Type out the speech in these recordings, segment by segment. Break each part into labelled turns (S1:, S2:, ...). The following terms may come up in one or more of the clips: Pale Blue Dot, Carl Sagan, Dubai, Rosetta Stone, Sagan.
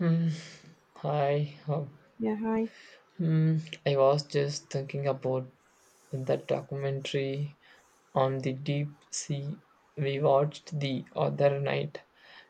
S1: Mm, Hi. Oh,
S2: Yeah, hi.
S1: mm, I was just thinking about that documentary on the deep sea we watched the other night.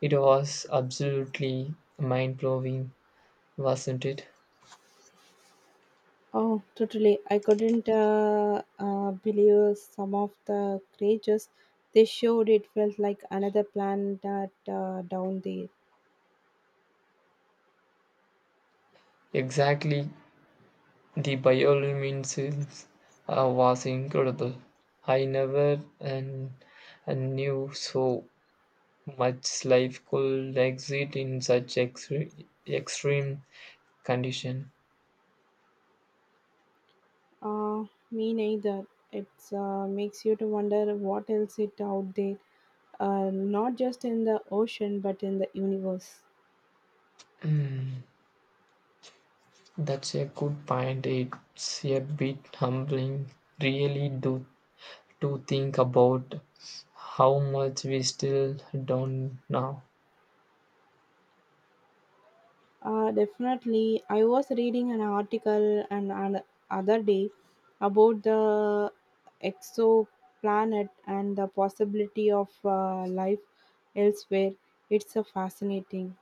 S1: It was absolutely mind blowing, wasn't it?
S2: Oh, totally. I couldn't believe some of the creatures they showed. It felt like another planet down there.
S1: Exactly. The bioluminescence was incredible. I never and, and knew so much life could exist in such extreme condition.
S2: Uh, Me neither. It makes you to wonder what else is out there, not just in the ocean but in the universe.
S1: Mm. That's a good point. It's a bit humbling, really, do to think about how much we still don't know.
S2: Definitely. I was reading an article and an other day about the exoplanet and the possibility of life elsewhere. It's a fascinating.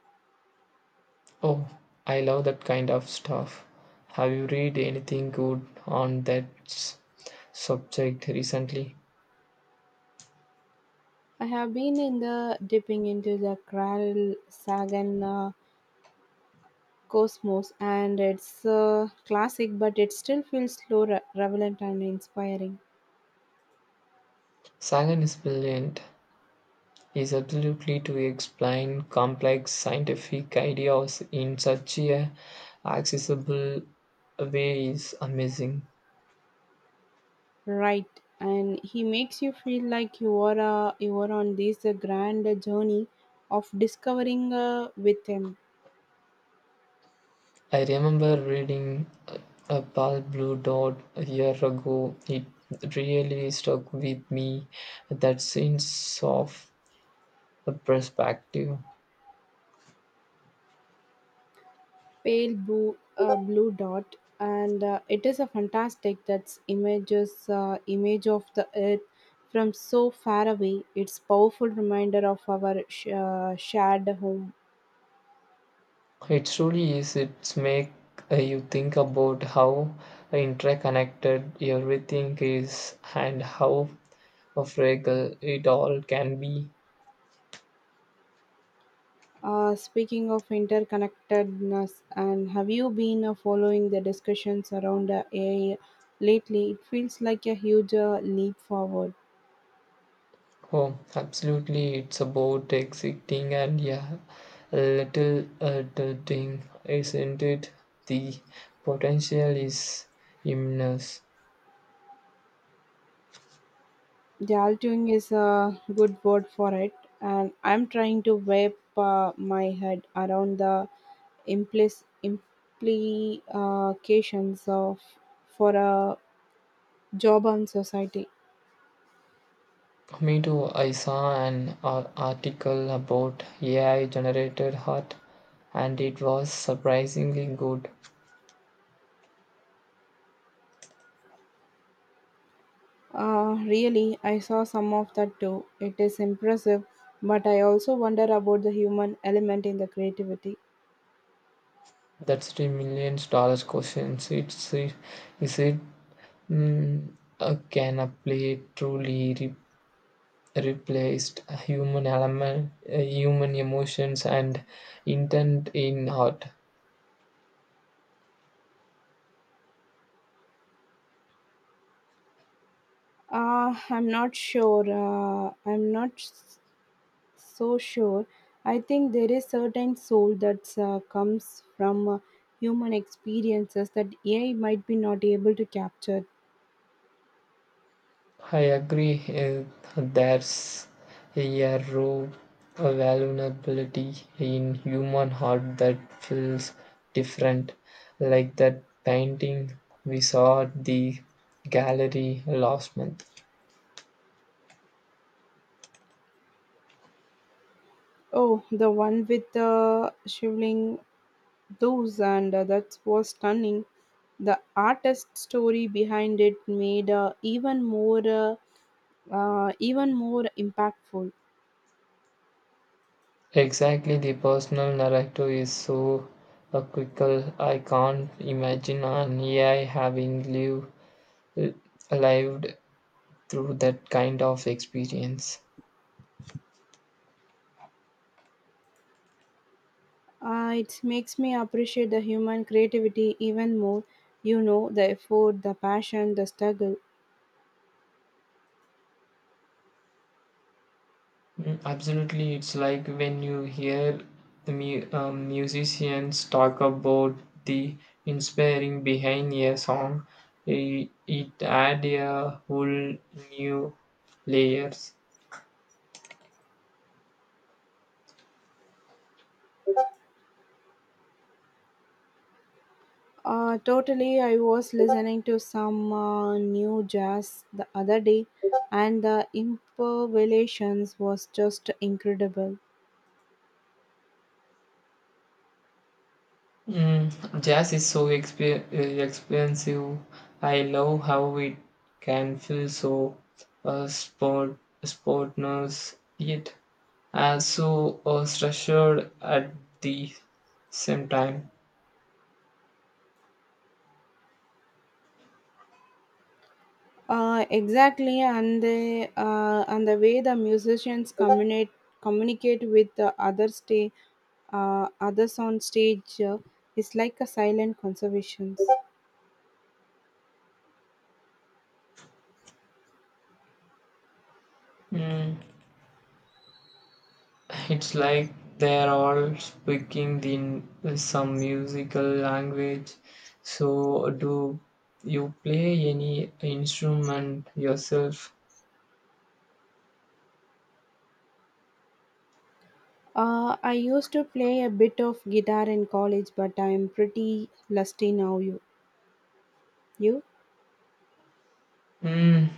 S1: Oh, I love that kind of stuff. Have you read anything good on that subject recently?
S2: I have been in the dipping into the Kral Sagan cosmos, and it's classic, but it still feels slow, relevant, and inspiring.
S1: Sagan is brilliant. Is absolutely to explain complex scientific ideas in such a accessible way is amazing.
S2: Right, and he makes you feel like you are on this grand journey of discovering with him.
S1: I remember reading a Pale Blue Dot a year ago. It really stuck with me that sense of perspective.
S2: Pale blue, blue dot, and it is a fantastic that's images image of the earth from so far away. It's powerful reminder of our shared home.
S1: It truly is. It's make you think about how interconnected everything is and how fragile it all can be.
S2: Speaking of interconnectedness, and have you been following the discussions around AI lately? It feels like a huge leap forward.
S1: Oh, absolutely. It's about exiting and, yeah, little adulting, isn't it? The potential is immense.
S2: The altering is a good word for it, and I'm trying to wrap my head around the implications of for a job and society.
S1: Me too. I saw an article about AI generated art, and it was surprisingly good.
S2: Really, I saw some of that too. It is impressive, but I also wonder about the human element in the creativity.
S1: That's the million dollar questions. Is it can a play truly replaced human element, human emotions and intent in art.
S2: I'm not sure. I'm not s- so sure. I think there is certain soul that comes from human experiences that AI might be not able to capture.
S1: I agree. There's a raw vulnerability in human heart that feels different, like that painting we saw at the gallery last month.
S2: Oh, the one with the shivling those and that was stunning. The artist story behind it made even more impactful.
S1: Exactly, the personal narrative is so critical. I can't imagine an AI having lived l- lived through that kind of experience.
S2: It makes me appreciate the human creativity even more, you know, the effort, the passion, the struggle.
S1: Mm, absolutely, it's like when you hear the musicians talk about the inspiring behind a song, it add a whole new layers.
S2: Totally. I was listening to some new jazz the other day, and the improvisations was just incredible.
S1: Mm, jazz is so expensive. I love how it can feel so sport sportness yet so structured at the same time.
S2: Exactly, and the way the musicians communicate with others on stage is like a silent conservation.
S1: Mm, it's like they're all speaking in some musical language. So, do you play any instrument yourself?
S2: I used to play a bit of guitar in college, but I'm pretty lusty now. You,
S1: Mm,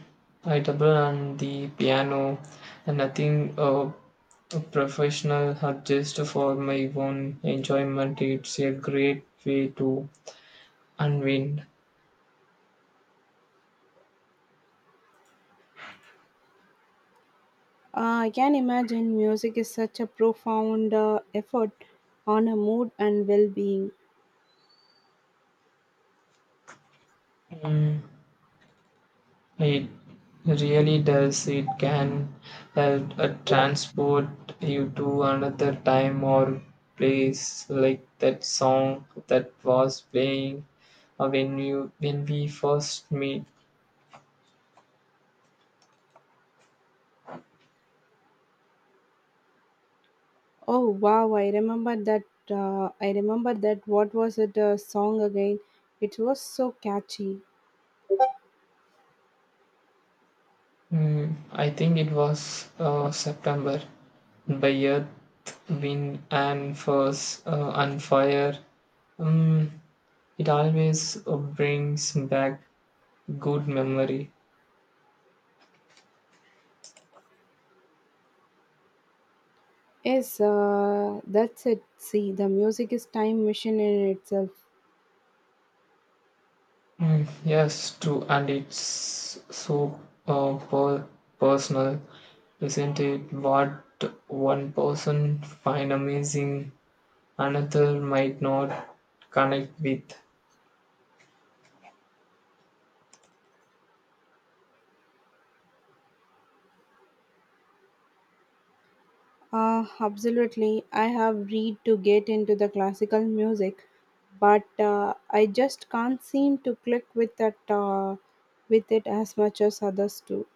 S1: I double on the piano, and nothing professional, just for my own enjoyment. It's a great way to unwind.
S2: I can imagine music is such a profound effort on a mood and well-being.
S1: Mm, it really does. It can help transport you to another time or place, like that song that was playing when we first meet.
S2: Oh wow, I remember that. I remember that. What was it? Song again? It was so catchy.
S1: Mm, I think it was September by earth, wind, and fire. Um, it always brings back good memory.
S2: Yes, that's it. See, the music is time machine in itself.
S1: Mm, yes, true, and it's so uh, per- personal, isn't it? What one person find amazing, another might not connect with.
S2: Absolutely. I have read to get into the classical music, but I just can't seem to click with that uh, with it as much as others do.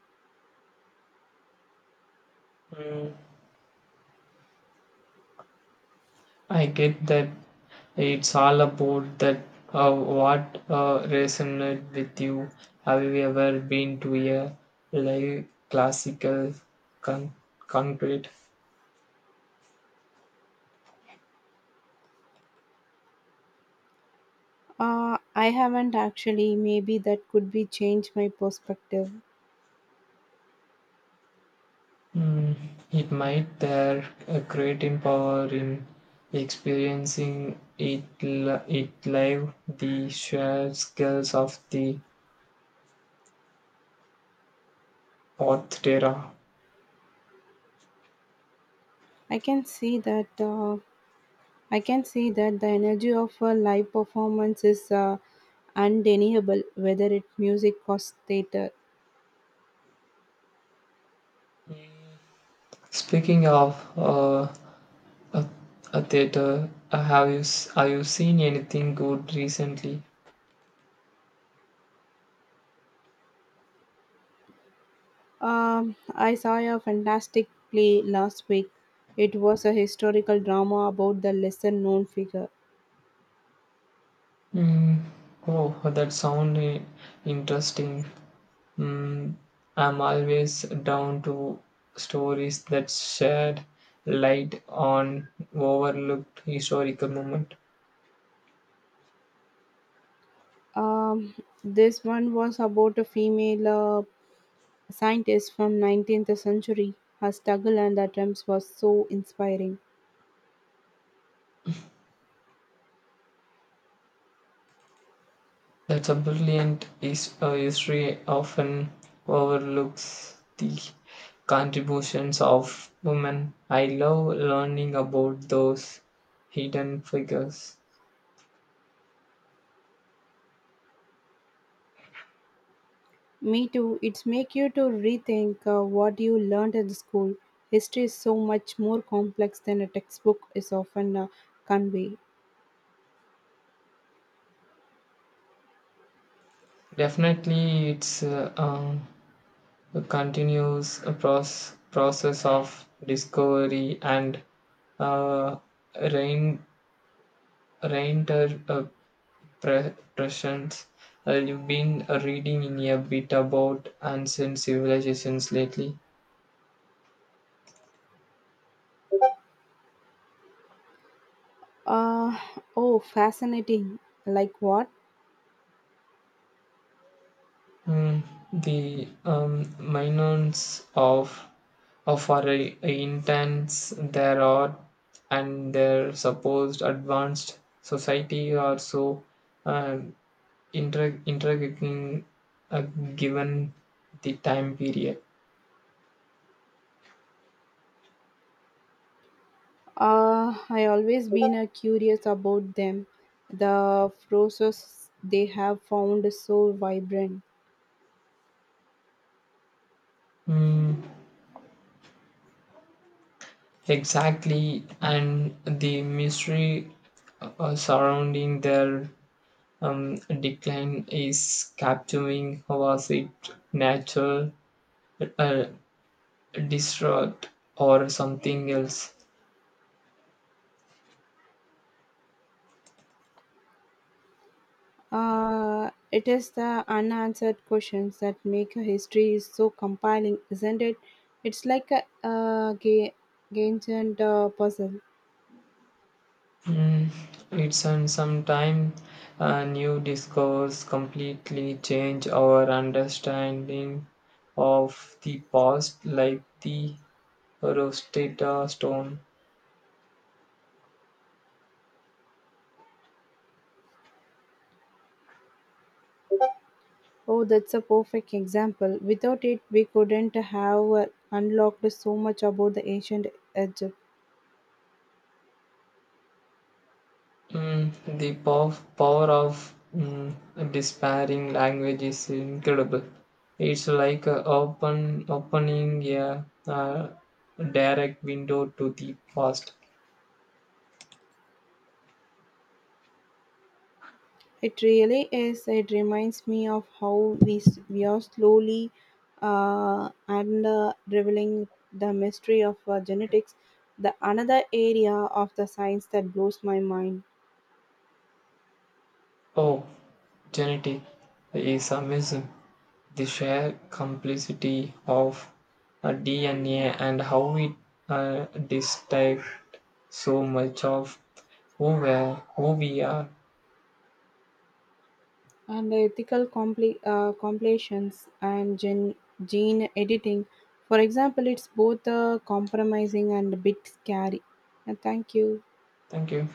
S1: Mm, I get that it's all about that what resonated with you. Have you ever been to a live classical con- concrete?
S2: I haven't actually. Maybe that could be change my perspective.
S1: Mm, it might there a creating power in experiencing it it live the sheer scales of the orchestra.
S2: I can see that. I can see that the energy of a live performance is undeniable, whether it's music or theater.
S1: Speaking of a, a theater. Have you seen anything good recently?
S2: I saw a fantastic play last week. It was a historical drama about the lesser known figure.
S1: Mm, oh, that sound interesting. Mm, I'm always down to stories that shed light on overlooked historical moment.
S2: Um, this one was about a female scientist from 19th century. Her struggle and attempts was so inspiring.
S1: That's a brilliant is history often overlooks the contributions of women. I love learning about those hidden figures.
S2: Me too. It's make you to rethink what you learned in the school. History is so much more complex than a textbook is often convey.
S1: Definitely, it's a continuous process of discovery and uh, rein reinter uh, pressions. You've been reading in a bit about ancient civilizations lately.
S2: Uh, oh, fascinating. Like what?
S1: Mm, the minors of our intents their art and their supposed advanced society are so uh, intriguing, uh, given the time period.
S2: I always been curious about them. The process they have found so vibrant.
S1: Mm, exactly, and the mystery surrounding their um, decline is capturing how was it natural, uh, distraught or something else.
S2: It is the unanswered questions that make a history is so compelling, isn't it? It's like ancient puzzle.
S1: Mm, it's and sometime a new discourse completely change our understanding of the past, like the Rosetta Stone.
S2: Oh, that's a perfect example. Without it, we couldn't have unlocked so much about the ancient Egypt.
S1: Mm, the power of despairing language is incredible. It's like a open opening a direct window to the past.
S2: It really is. It reminds me of how we are slowly and revealing the mystery of genetics, the another area of the science that blows my mind.
S1: Oh, genetics is amazing. The sheer complexity of DNA and how it dictates so much of who we are.
S2: And ethical compilations and gene editing. For example, it's both compromising and a bit scary. And thank you.
S1: Thank you.